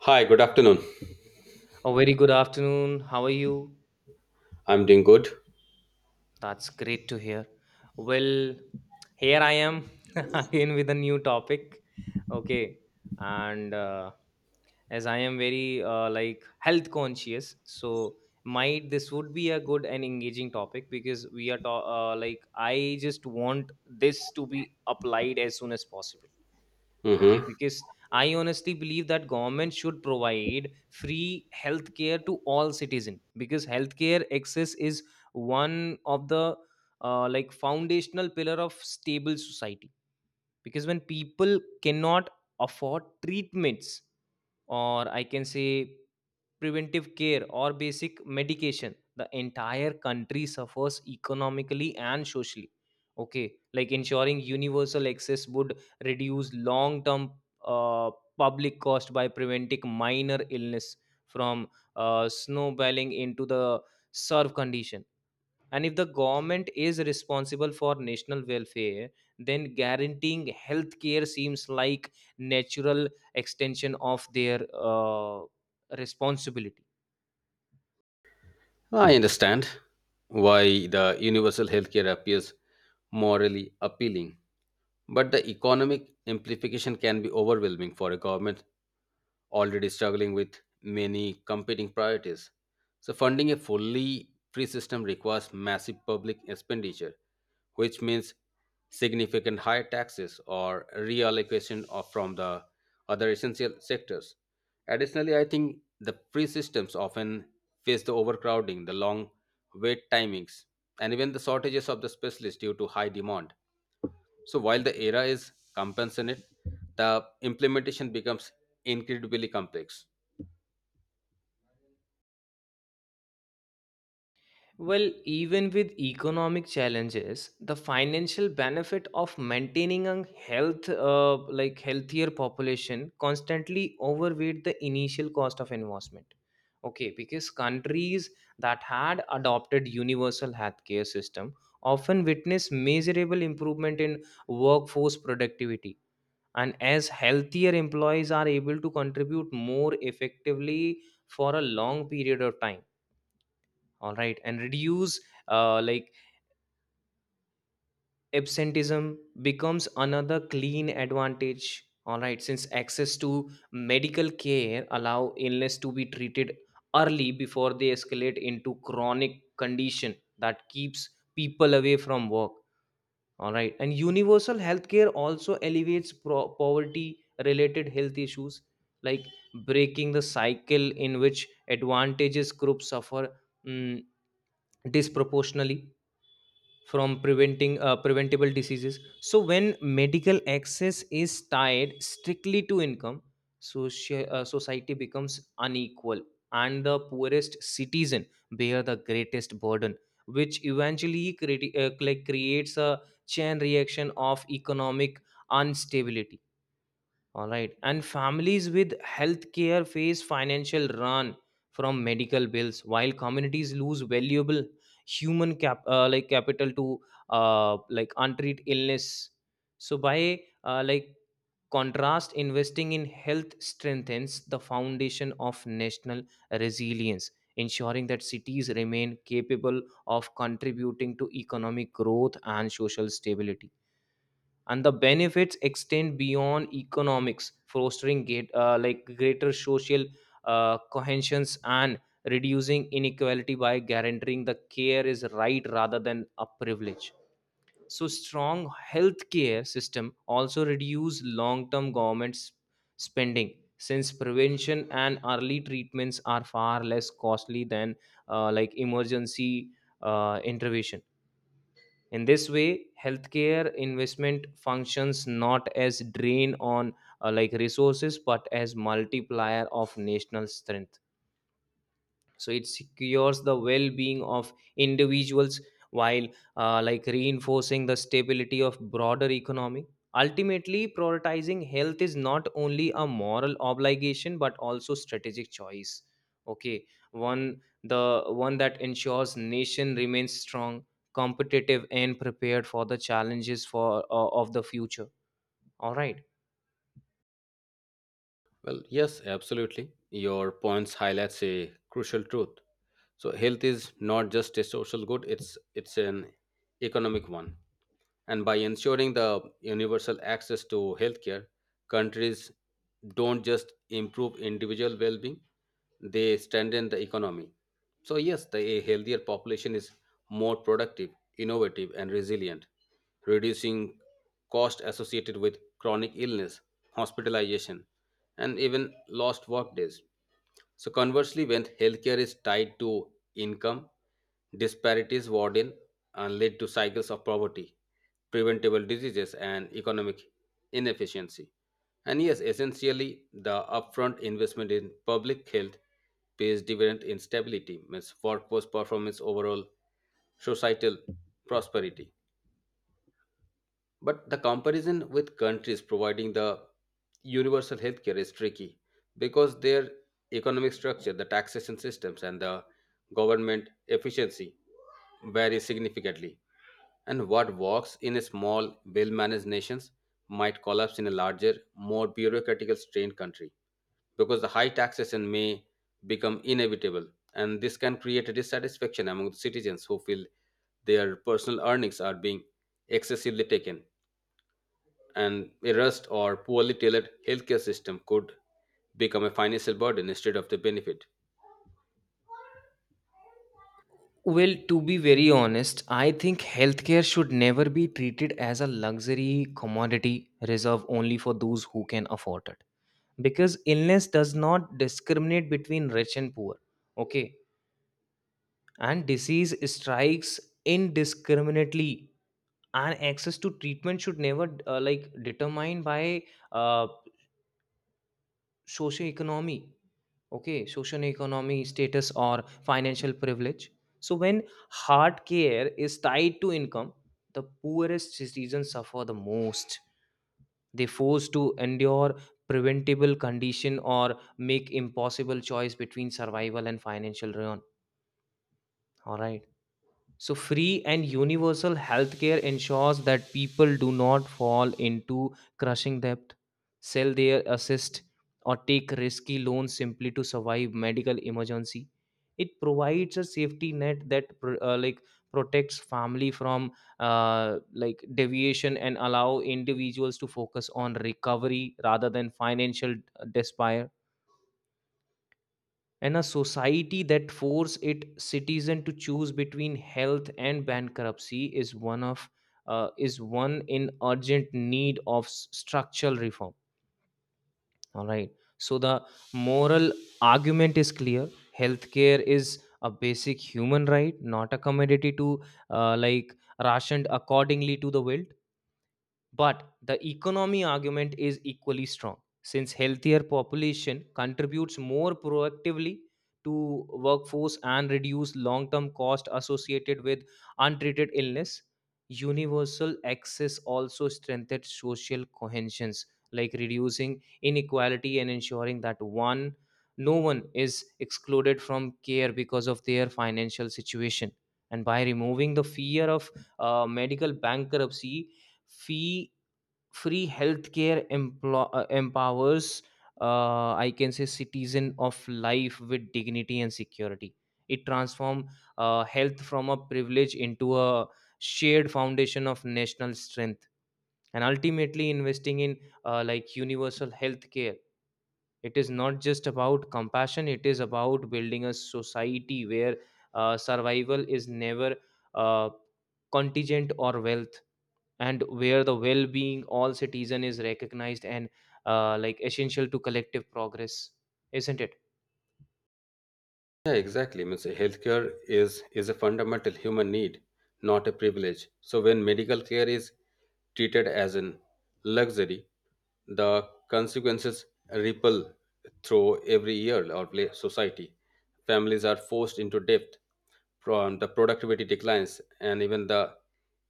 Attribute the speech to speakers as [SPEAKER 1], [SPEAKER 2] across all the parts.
[SPEAKER 1] Hi, good afternoon.
[SPEAKER 2] A very good afternoon. How are you?
[SPEAKER 1] I'm doing good.
[SPEAKER 2] That's great to hear. Well, here I am again with a new topic. Okay, and as I am very like health conscious, so might this would be a good and engaging topic because like I just want this to be applied as soon as possible. Okay,
[SPEAKER 1] hmm
[SPEAKER 2] because I honestly believe that government should provide free healthcare to all citizen because healthcare access is one of the like foundational pillar of stable society. Because when people cannot afford treatments, or I can say preventive care or basic medication, the entire country suffers economically and socially, okay, like ensuring universal access would reduce long term uh, public cost by preventing minor illness from snowballing into the serve condition. And if the government is responsible for national welfare, then guaranteeing health care seems like natural extension of their responsibility.
[SPEAKER 1] I understand why the universal healthcare appears morally appealing. But the economic implication can be overwhelming for a government already struggling with many competing priorities. So, funding a fully free system requires massive public expenditure, which means significant higher taxes or reallocation of from the other essential sectors. Additionally, I think the free systems often face the overcrowding, the long wait timings, and even the shortages of the specialists due to high demand. So while the era is compensate, the implementation becomes incredibly complex.
[SPEAKER 2] Well, even with economic challenges, the financial benefit of maintaining a like healthier population constantly overweight the initial cost of investment. Okay, because countries that had adopted universal healthcare system often witness measurable improvement in workforce productivity, and as healthier employees are able to contribute more effectively for a long period of time, all right, and reduce like absenteeism becomes another clean advantage, all right, since access to medical care allow illness to be treated early before they escalate into chronic condition that keeps people away from work, all right, and universal healthcare also elevates poverty related health issues, like breaking the cycle in which advantages groups suffer mm, disproportionately from preventing preventable diseases. So when medical access is tied strictly to income, society becomes unequal and the poorest citizen bear the greatest burden, which eventually like creates a chain reaction of economic instability, all right. And families with healthcare face financial run from medical bills, while communities lose valuable human cap like capital to like untreated illness. So by like contrast, investing in health strengthens the foundation of national resilience, ensuring that cities remain capable of contributing to economic growth and social stability, and the benefits extend beyond economics, fostering like greater social cohesions and reducing inequality by guaranteeing the care is right rather than a privilege. So strong healthcare system also reduce long-term government spending since prevention and early treatments are far less costly than like emergency intervention. In this way, healthcare investment functions not as drain on like resources but as multiplier of national strength, so it secures the well-being of individuals while like reinforcing the stability of broader economy. Ultimately prioritizing health is not only a moral obligation but also strategic choice, okay, one that ensures nation remains strong, competitive and prepared for the challenges for of the future, all right.
[SPEAKER 1] Well, yes, absolutely. Your points highlights a crucial truth. So health is not just a social good, it's an economic one. And by ensuring the universal access to healthcare, countries don't just improve individual well being, they strengthen the economy. So, yes, the, a healthier population is more productive, innovative, and resilient, reducing costs associated with chronic illness, hospitalization, and even lost work days. So, conversely, when healthcare is tied to income, disparities widen and lead to cycles of poverty preventable diseases, and economic inefficiency. And yes, essentially, the upfront investment in public health pays dividend in stability, means workforce performance, overall societal prosperity. But the comparison with countries providing the universal healthcare is tricky because their economic structure, the taxation systems, and the government efficiency vary significantly. And what works in small, well managed nations might collapse in a larger, more bureaucratic strained country because the high taxation may become inevitable. And this can create a dissatisfaction among the citizens who feel their personal earnings are being excessively taken and a rust or poorly tailored healthcare system could become a financial burden instead of the benefit.
[SPEAKER 2] Well, to be very honest, I think healthcare should never be treated as a luxury commodity reserved only for those who can afford it. Because illness does not discriminate between rich and poor. Okay. And disease strikes indiscriminately. And access to treatment should never like determined by uh, socioeconomy, okay, social economy status or financial privilege. So when hard care is tied to income, the poorest citizens suffer the most. They forced to endure preventable condition or make impossible choice between survival and financial ruin, all right. So, free and universal healthcare ensures that people do not fall into crushing debt, sell their assist, or take risky loans simply to survive medical emergency. It provides a safety net that like protects family from like deviation and allow individuals to focus on recovery rather than financial despair. And a society that force its citizen to choose between health and bankruptcy is one in urgent need of structural reform, all right. So the moral argument is clear. Healthcare is a basic human right, not a commodity to like rationed accordingly to the will, but the economy argument is equally strong since healthier population contributes more proactively to workforce and reduce long-term cost associated with untreated illness. Universal access also strengthens social cohesion, like reducing inequality and ensuring that one no one is excluded from care because of their financial situation. And by removing the fear of medical bankruptcy, fee free healthcare empowers, I can say, citizen of life with dignity and security. It transforms health from a privilege into a shared foundation of national strength. And ultimately investing in like universal healthcare, it is not just about compassion, it is about building a society where survival is never uh, contingent or wealth, and where the well-being all citizen is recognized and like essential to collective progress, isn't it?
[SPEAKER 1] Yeah, exactly. Means healthcare is a fundamental human need, not a privilege. So when medical care is treated as an luxury, the consequences ripple through every year or society. Families are forced into debt from the productivity declines and even the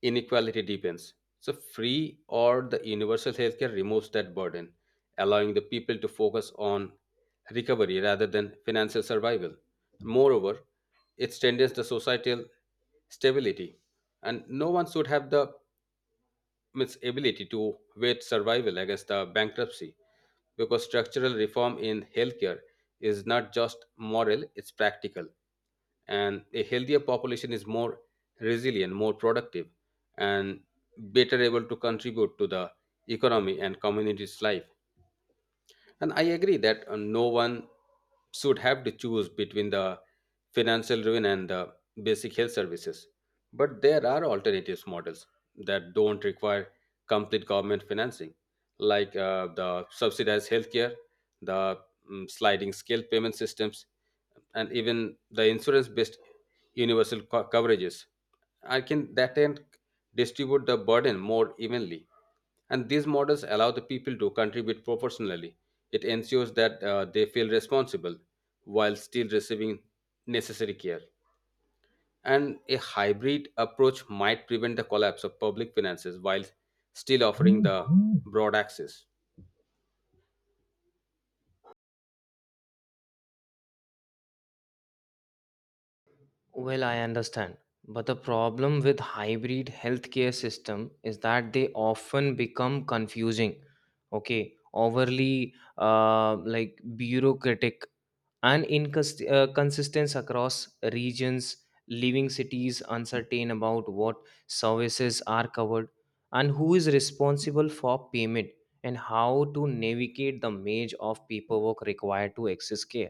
[SPEAKER 1] inequality deepens. So free or the universal healthcare removes that burden, allowing the people to focus on recovery rather than financial survival. Moreover, it strengthens the societal stability and no one should have the its ability to wage survival against the bankruptcy because structural reform in healthcare is not just moral, it's practical. And a healthier population is more resilient, more productive, and better able to contribute to the economy and community's life. And I agree that no one should have to choose between the financial ruin and the basic health services. But there are alternatives models that don't require complete government financing, like the subsidized healthcare, the sliding scale payment systems, and even the insurance-based universal coverages. I can that end distribute the burden more evenly. And these models allow the people to contribute proportionally. It ensures that they feel responsible while still receiving necessary care. And a hybrid approach might prevent the collapse of public finances while still offering the broad access.
[SPEAKER 2] Well, I understand, but the problem with hybrid healthcare system is that they often become confusing, okay, overly like bureaucratic and consistence across regions, leaving cities uncertain about what services are covered and who is responsible for payment and how to navigate the maze of paperwork required to access care.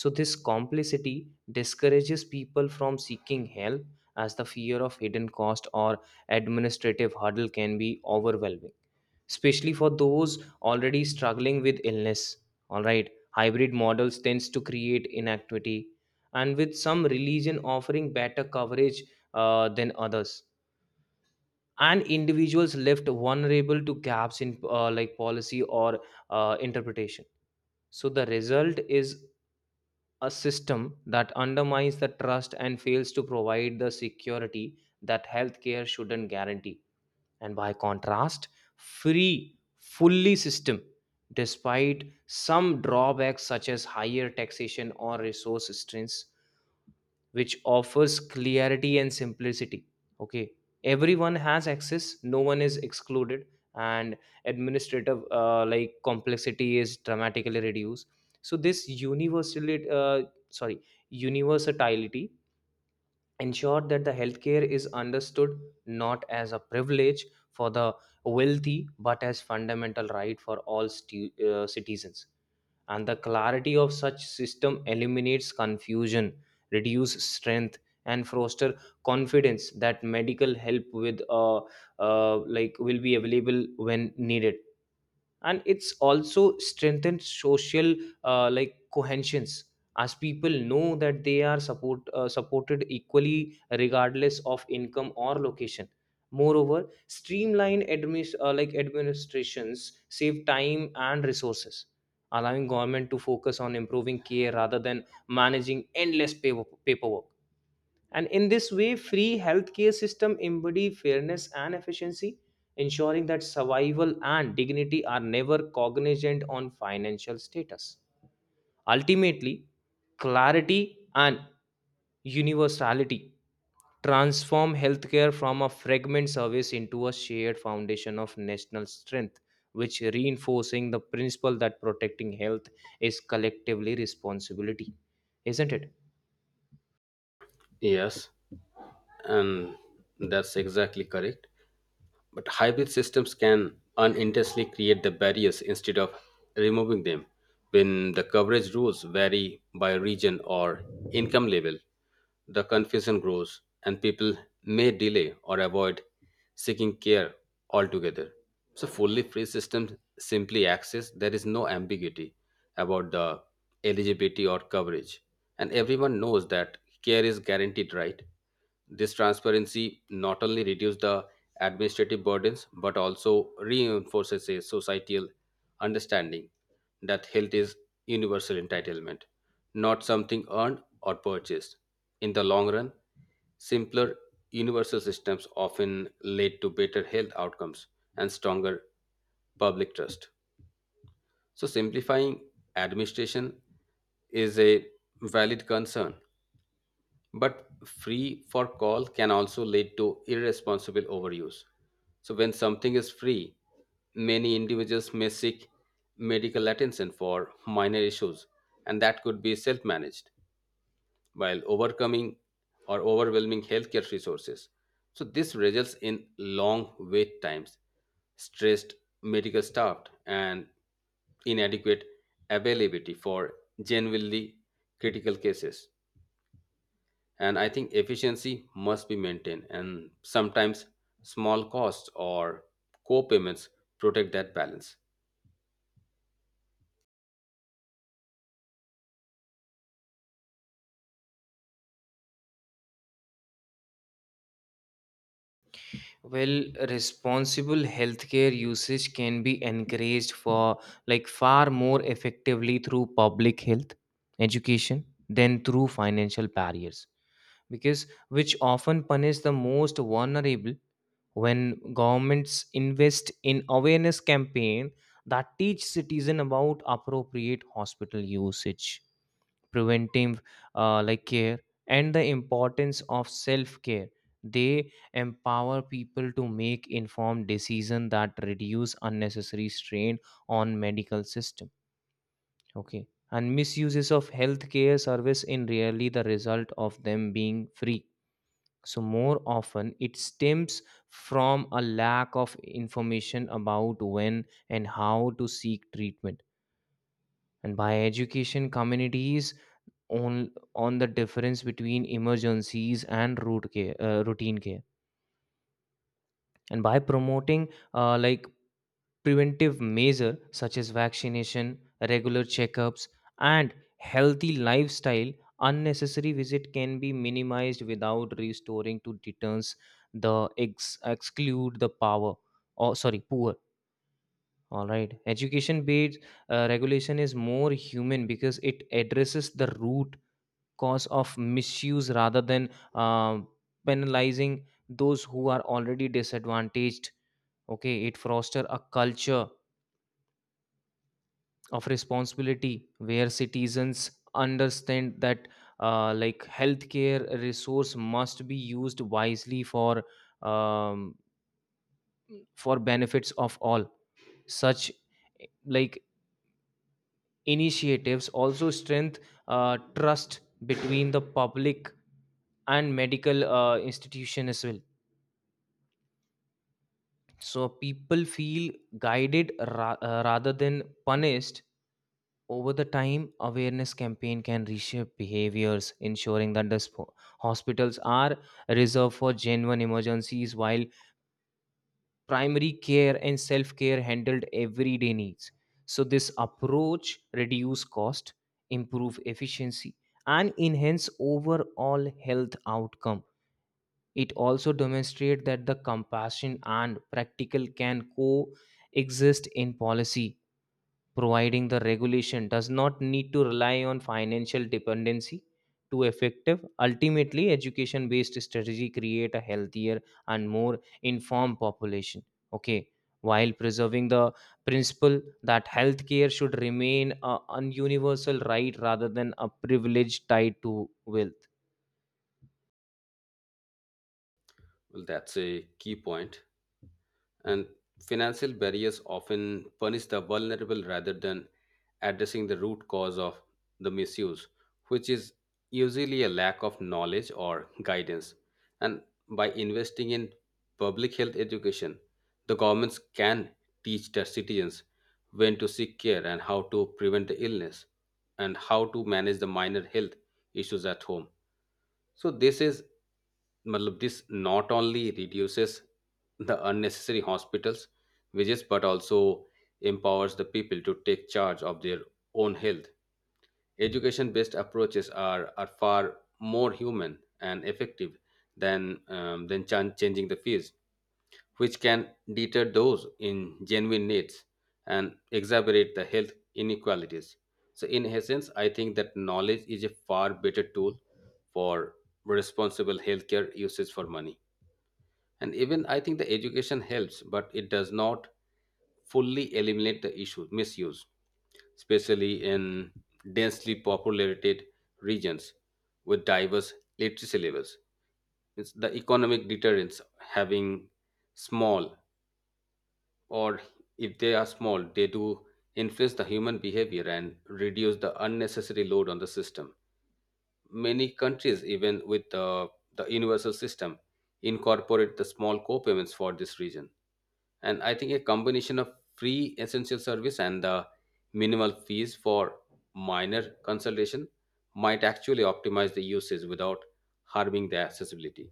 [SPEAKER 2] So this complicity discourages people from seeking help, as the fear of hidden cost or administrative hurdle can be overwhelming, especially for those already struggling with illness, all right. Hybrid models tends to create inequity, and with some religion offering better coverage than others, and individuals left vulnerable to gaps in like policy or interpretation. So the result is a system that undermines the trust and fails to provide the security that healthcare shouldn't guarantee. And by contrast, free fully system, despite some drawbacks such as higher taxation or resource strings, which offers clarity and simplicity. Okay, everyone has access, no one is excluded, and administrative like complexity is dramatically reduced. So this sorry universality ensure that the healthcare is understood not as a privilege for the wealthy but as fundamental right for all citizens. And the clarity of such system eliminates confusion, reduce strength, and foster confidence that medical help with like will be available when needed. And it's also strengthened social like cohesions, as people know that they are supported equally regardless of income or location. Moreover, streamlined like administrations save time and resources, allowing government to focus on improving care rather than managing endless paperwork. And in this way, free healthcare system embody fairness and efficiency, ensuring that survival and dignity are never cognizant on financial status. Ultimately, clarity and universality transform healthcare from a fragment service into a shared foundation of national strength, which reinforcing the principle that protecting health is collectively responsibility, isn't it?
[SPEAKER 1] Yes, and that's exactly correct. But hybrid systems can unintentionally create the barriers instead of removing them. When the coverage rules vary by region or income level, the confusion grows and people may delay or avoid seeking care altogether. So, fully free systems simply access, there is no ambiguity about the eligibility or coverage. And everyone knows that care is guaranteed, right? This transparency not only reduces the administrative burdens but also reinforces a societal understanding that health is universal entitlement, not something earned or purchased. In the long run, simpler universal systems often lead to better health outcomes and stronger public trust. So, simplifying administration is a valid concern, but free for call can also lead to irresponsible overuse. So, when something is free, many individuals may seek medical attention for minor issues, and that could be self managed while overcoming or overwhelming healthcare resources. So, this results in long wait times, stressed medical staff, and inadequate availability for genuinely critical cases. And I think efficiency must be maintained and sometimes small costs or co-payments protect that balance.
[SPEAKER 2] Well, responsible healthcare usage can be encouraged for, like, far more effectively through public health education than through financial barriers, because which often punish the most vulnerable. When governments invest in awareness campaign that teach citizen about appropriate hospital usage, preventive like care, and the importance of self care, they empower people to make informed decision that reduce unnecessary strain on medical system. Okay, and misuses of healthcare service in really the result of them being free, so more often it stems from a lack of information about when and how to seek treatment, and by education communities on the difference between emergencies and routine care, and by promoting like preventive measure such as vaccination, regular checkups, and healthy lifestyle, unnecessary visit can be minimized without restoring to deterrence, the exclude the power or sorry poor, all right. Education based regulation is more human because it addresses the root cause of misuse rather than penalizing those who are already disadvantaged. Okay, it foster a culture of responsibility where citizens understand that like healthcare resource must be used wisely um, for benefits of all. Such like initiatives also strengthen trust between the public and medical institution as well. So people feel guided rather than punished. Over the time awareness campaign can reshape behaviors, ensuring that the hospitals are reserved for genuine emergencies while primary care and self-care handled everyday needs. So this approach reduce cost, improve efficiency, and enhance overall health outcome. It also demonstrates that the compassion and practical can coexist in policy, providing the regulation does not need to rely on financial dependency to effective. Ultimately, education-based strategy create a healthier and more informed population. Okay, while preserving the principle that healthcare should remain a, an universal right rather than a privilege tied to wealth.
[SPEAKER 1] Well, that's a key point. And financial barriers often punish the vulnerable rather than addressing the root cause of the misuse, which is usually a lack of knowledge or guidance. And by investing in public health education, the governments can teach their citizens when to seek care and how to prevent the illness and how to manage the minor health issues at home. So this is matlab, this not only reduces the unnecessary hospitals visits but also empowers the people to take charge of their own health. Education based approaches are far more human and effective than than changing the fields which can deter those in genuine needs and exacerbate the health inequalities. So, in essence, I think that knowledge is a far better tool for responsible healthcare usage for money. And even I think the education helps, but it does not fully eliminate the issue, misuse, especially in densely populated regions with diverse literacy levels. It's the economic deterrence having small or if they are small, they do influence the human behavior and reduce the unnecessary load on the system. Many countries, even with the universal system, incorporate the small co-payments for this region. And I think a combination of free essential service and the minimal fees for minor consultation might actually optimize the usage without harming the accessibility.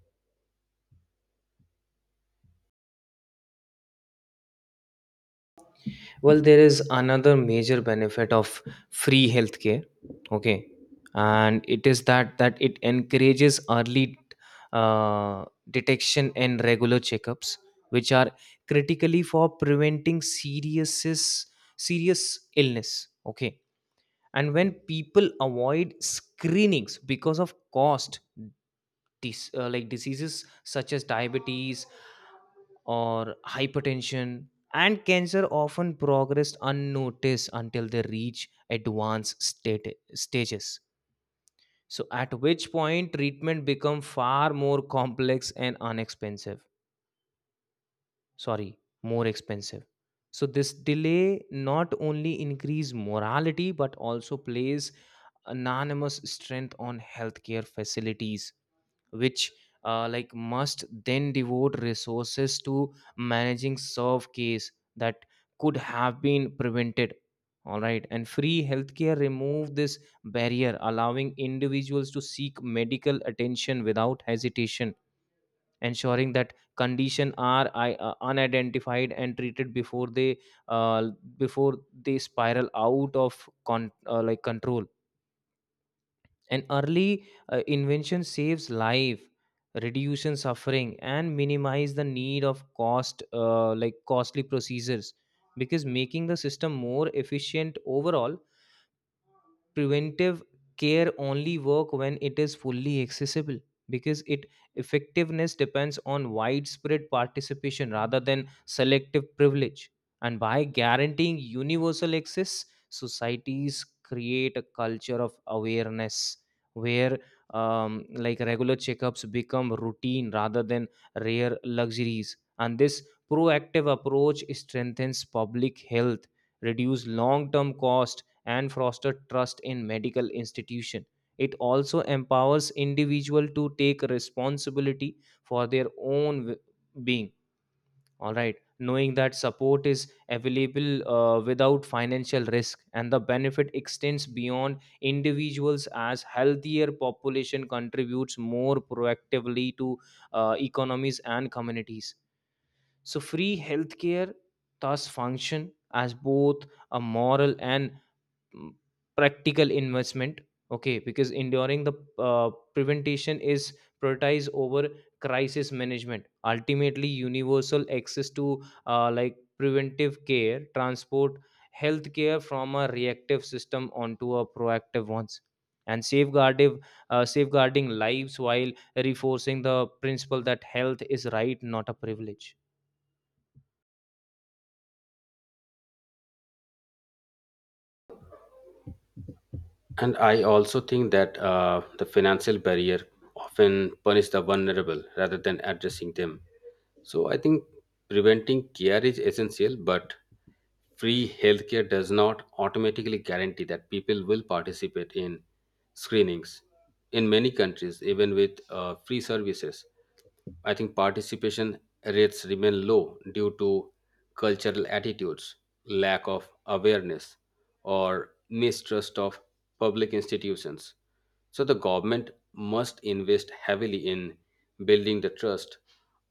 [SPEAKER 2] Well, there is another major benefit of free healthcare. Okay, and it is that it encourages early detection and regular checkups, which are critically for preventing serious illness. Okay, and when people avoid screenings because of cost, like diseases such as diabetes or hypertension and cancer often progress unnoticed until they reach advanced stages so at which point treatment become far more complex and unexpensive, sorry, more expensive. So this delay not only increase morality but also plays anonymous strength on healthcare facilities which like must then devote resources to managing serve case that could have been prevented. All right, and free healthcare remove this barrier, allowing individuals to seek medical attention without hesitation, ensuring that condition are unidentified and treated uh, before they spiral out of like control. An early invention saves life, reducing suffering, and minimize the need of like costly procedures, because making the system more efficient overall. Preventive care only work when it is fully accessible, because it effectiveness depends on widespread participation rather than selective privilege. And by guaranteeing universal access, societies create a culture of awareness where like regular checkups become routine rather than rare luxuries. And this proactive approach strengthens public health, reduce long term cost, and foster trust in medical institution. It also empowers individual to take responsibility for their own being, all right, knowing that support is available without financial risk. And the benefit extends beyond individuals as healthier population contributes more proactively to economies and communities. So free healthcare thus function as both a moral and mm, practical investment. Okay, because enduring the prevention is prioritized over crisis management, ultimately universal access to like preventive care transport healthcare from a reactive system onto a proactive ones, and safeguarding safeguarding lives while reinforcing the principle that health is right, not a privilege.
[SPEAKER 1] And I also think that the financial barrier often punish the vulnerable rather than addressing them. So I think preventing care is essential, but free healthcare does not automatically guarantee that people will participate in screenings. In many countries, even with free services, I think participation rates remain low due to cultural attitudes, lack of awareness, or mistrust of public institutions. So the government must invest heavily in building the trust,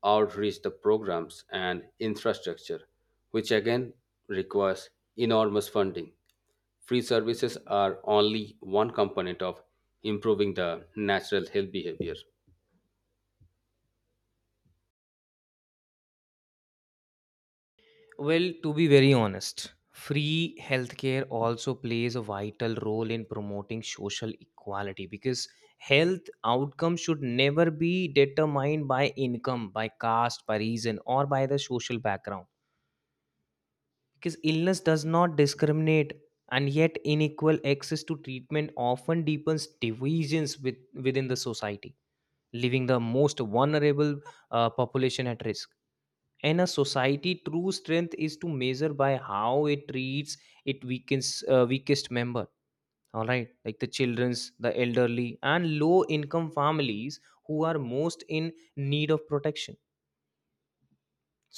[SPEAKER 1] outreach the programs and infrastructure, which again requires enormous funding. Free services are only one component of improving the natural health behavior.
[SPEAKER 2] Well, to be very honest, free healthcare also plays a vital role in promoting social equality, because health outcomes should never be determined by income, by caste, by reason, or by the social background. Because illness does not discriminate, and yet unequal access to treatment often deepens divisions within the society, leaving the most vulnerable population at risk. And a society true strength is to measure by how it treats its weakest member, all right, like the children's, the elderly, and low income families who are most in need of protection.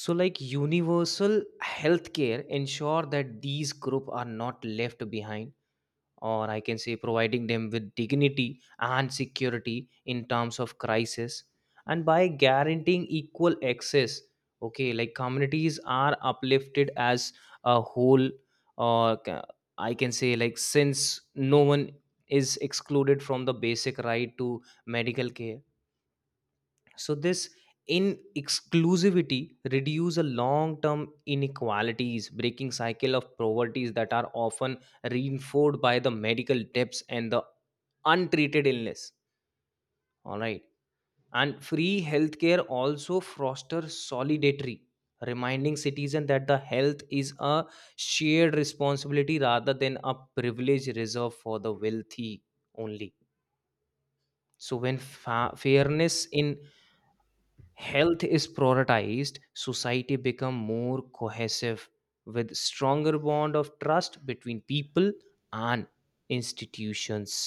[SPEAKER 2] So like universal healthcare ensure that these group are not left behind, or I can say providing them with dignity and security in terms of crisis, and by guaranteeing equal access. Okay, like communities are uplifted as a whole, or I can say, like, since no one is excluded from the basic right to medical care, so this in exclusivity reduce a long term inequalities, breaking cycle of poverties that are often reinforced by the medical debts and the untreated illness. All right, and free healthcare also fosters solidarity, reminding citizens that the health is a shared responsibility rather than a privilege reserved for the wealthy only. So when fairness in health is prioritized, society become more cohesive, with stronger bond of trust between people and institutions.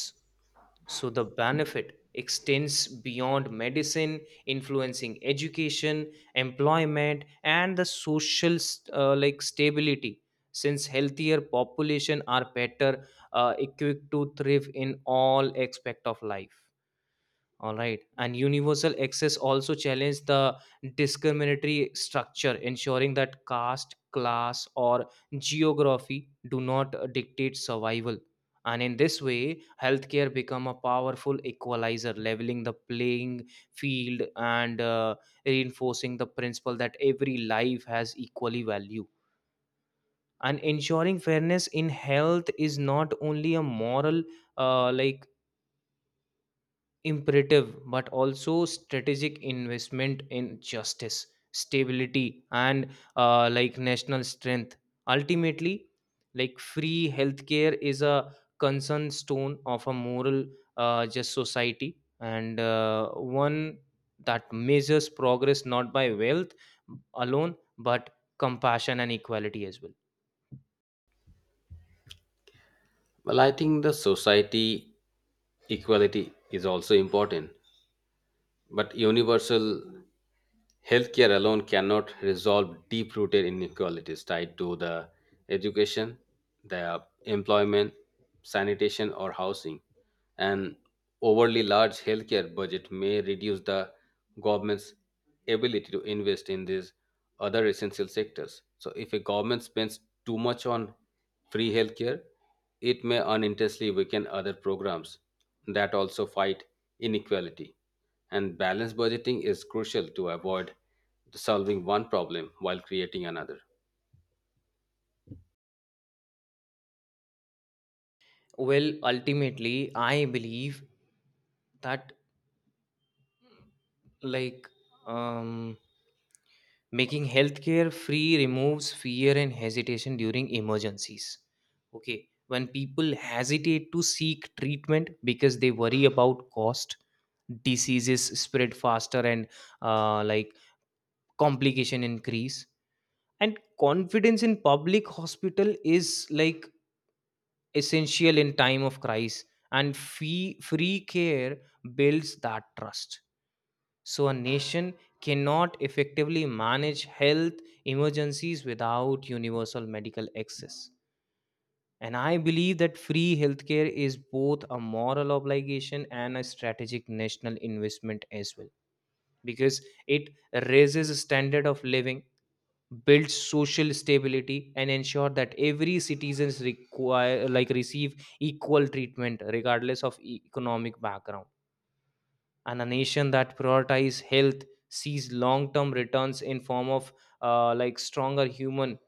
[SPEAKER 2] So the benefit extends beyond medicine, influencing education, employment, and the social like stability, since healthier population are better equipped to thrive in all aspect of life, all right. And universal access also challenged the discriminatory structure, ensuring that caste, class, or geography do not dictate survival. And in this way, healthcare become a powerful equalizer, leveling the playing field and reinforcing the principle that every life has equally value. And ensuring fairness in health is not only a moral, uh, like imperative but also strategic investment in justice, stability, and national strength. Ultimately, like free healthcare is a concern stone of a moral, just society, and one that measures progress not by wealth alone but compassion and equality as well.
[SPEAKER 1] Well, I think the society equality is also important, but universal healthcare alone cannot resolve deep rooted inequalities tied to the education, the employment, sanitation, or housing. An overly large healthcare budget may reduce the government's ability to invest in these other essential sectors. So, if a government spends too much on free healthcare, it may unintentionally weaken other programs that also fight inequality. And balanced budgeting is crucial to avoid solving one problem while creating another.
[SPEAKER 2] Well, ultimately I believe that, like, um making healthcare free removes fear and hesitation during emergencies. Okay, when people hesitate to seek treatment because they worry about cost, diseases spread faster, and uh, like complication increase. And confidence in public hospital is like essential in time of crisis. And free care builds that trust. So a nation cannot effectively manage health emergencies without universal medical access. And I believe that free healthcare is both a moral obligation and a strategic national investment as well, because it raises the standard of living, builds social stability, and ensure that every citizens require like receive equal treatment regardless of economic background. And a nation that prioritizes health sees long-term returns in form of stronger human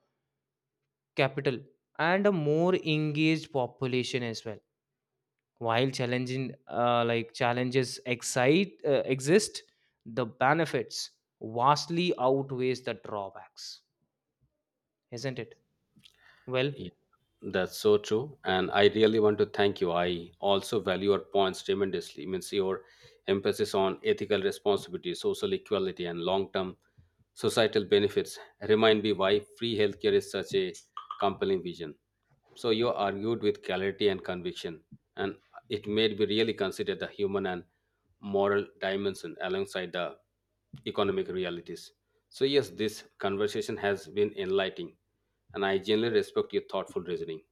[SPEAKER 2] capital and a more engaged population as well. While challenging like challenges excite exist, the benefits vastly outweighs the drawbacks, isn't it? Well,
[SPEAKER 1] Yeah. That's so true. And I really want to thank you. I also value your points tremendously. Means your emphasis on ethical responsibility, social equality, and long term societal benefits remind me why free healthcare is such a compelling vision. So you argued with clarity and conviction, and it made me really consider the human and moral dimension alongside the economic realities. So, yes, this conversation has been enlightening, and I genuinely respect your thoughtful reasoning.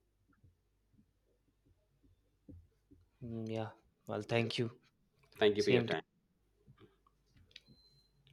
[SPEAKER 2] yeah. Well, thank you.
[SPEAKER 1] Thank you for your
[SPEAKER 2] Same to
[SPEAKER 1] time.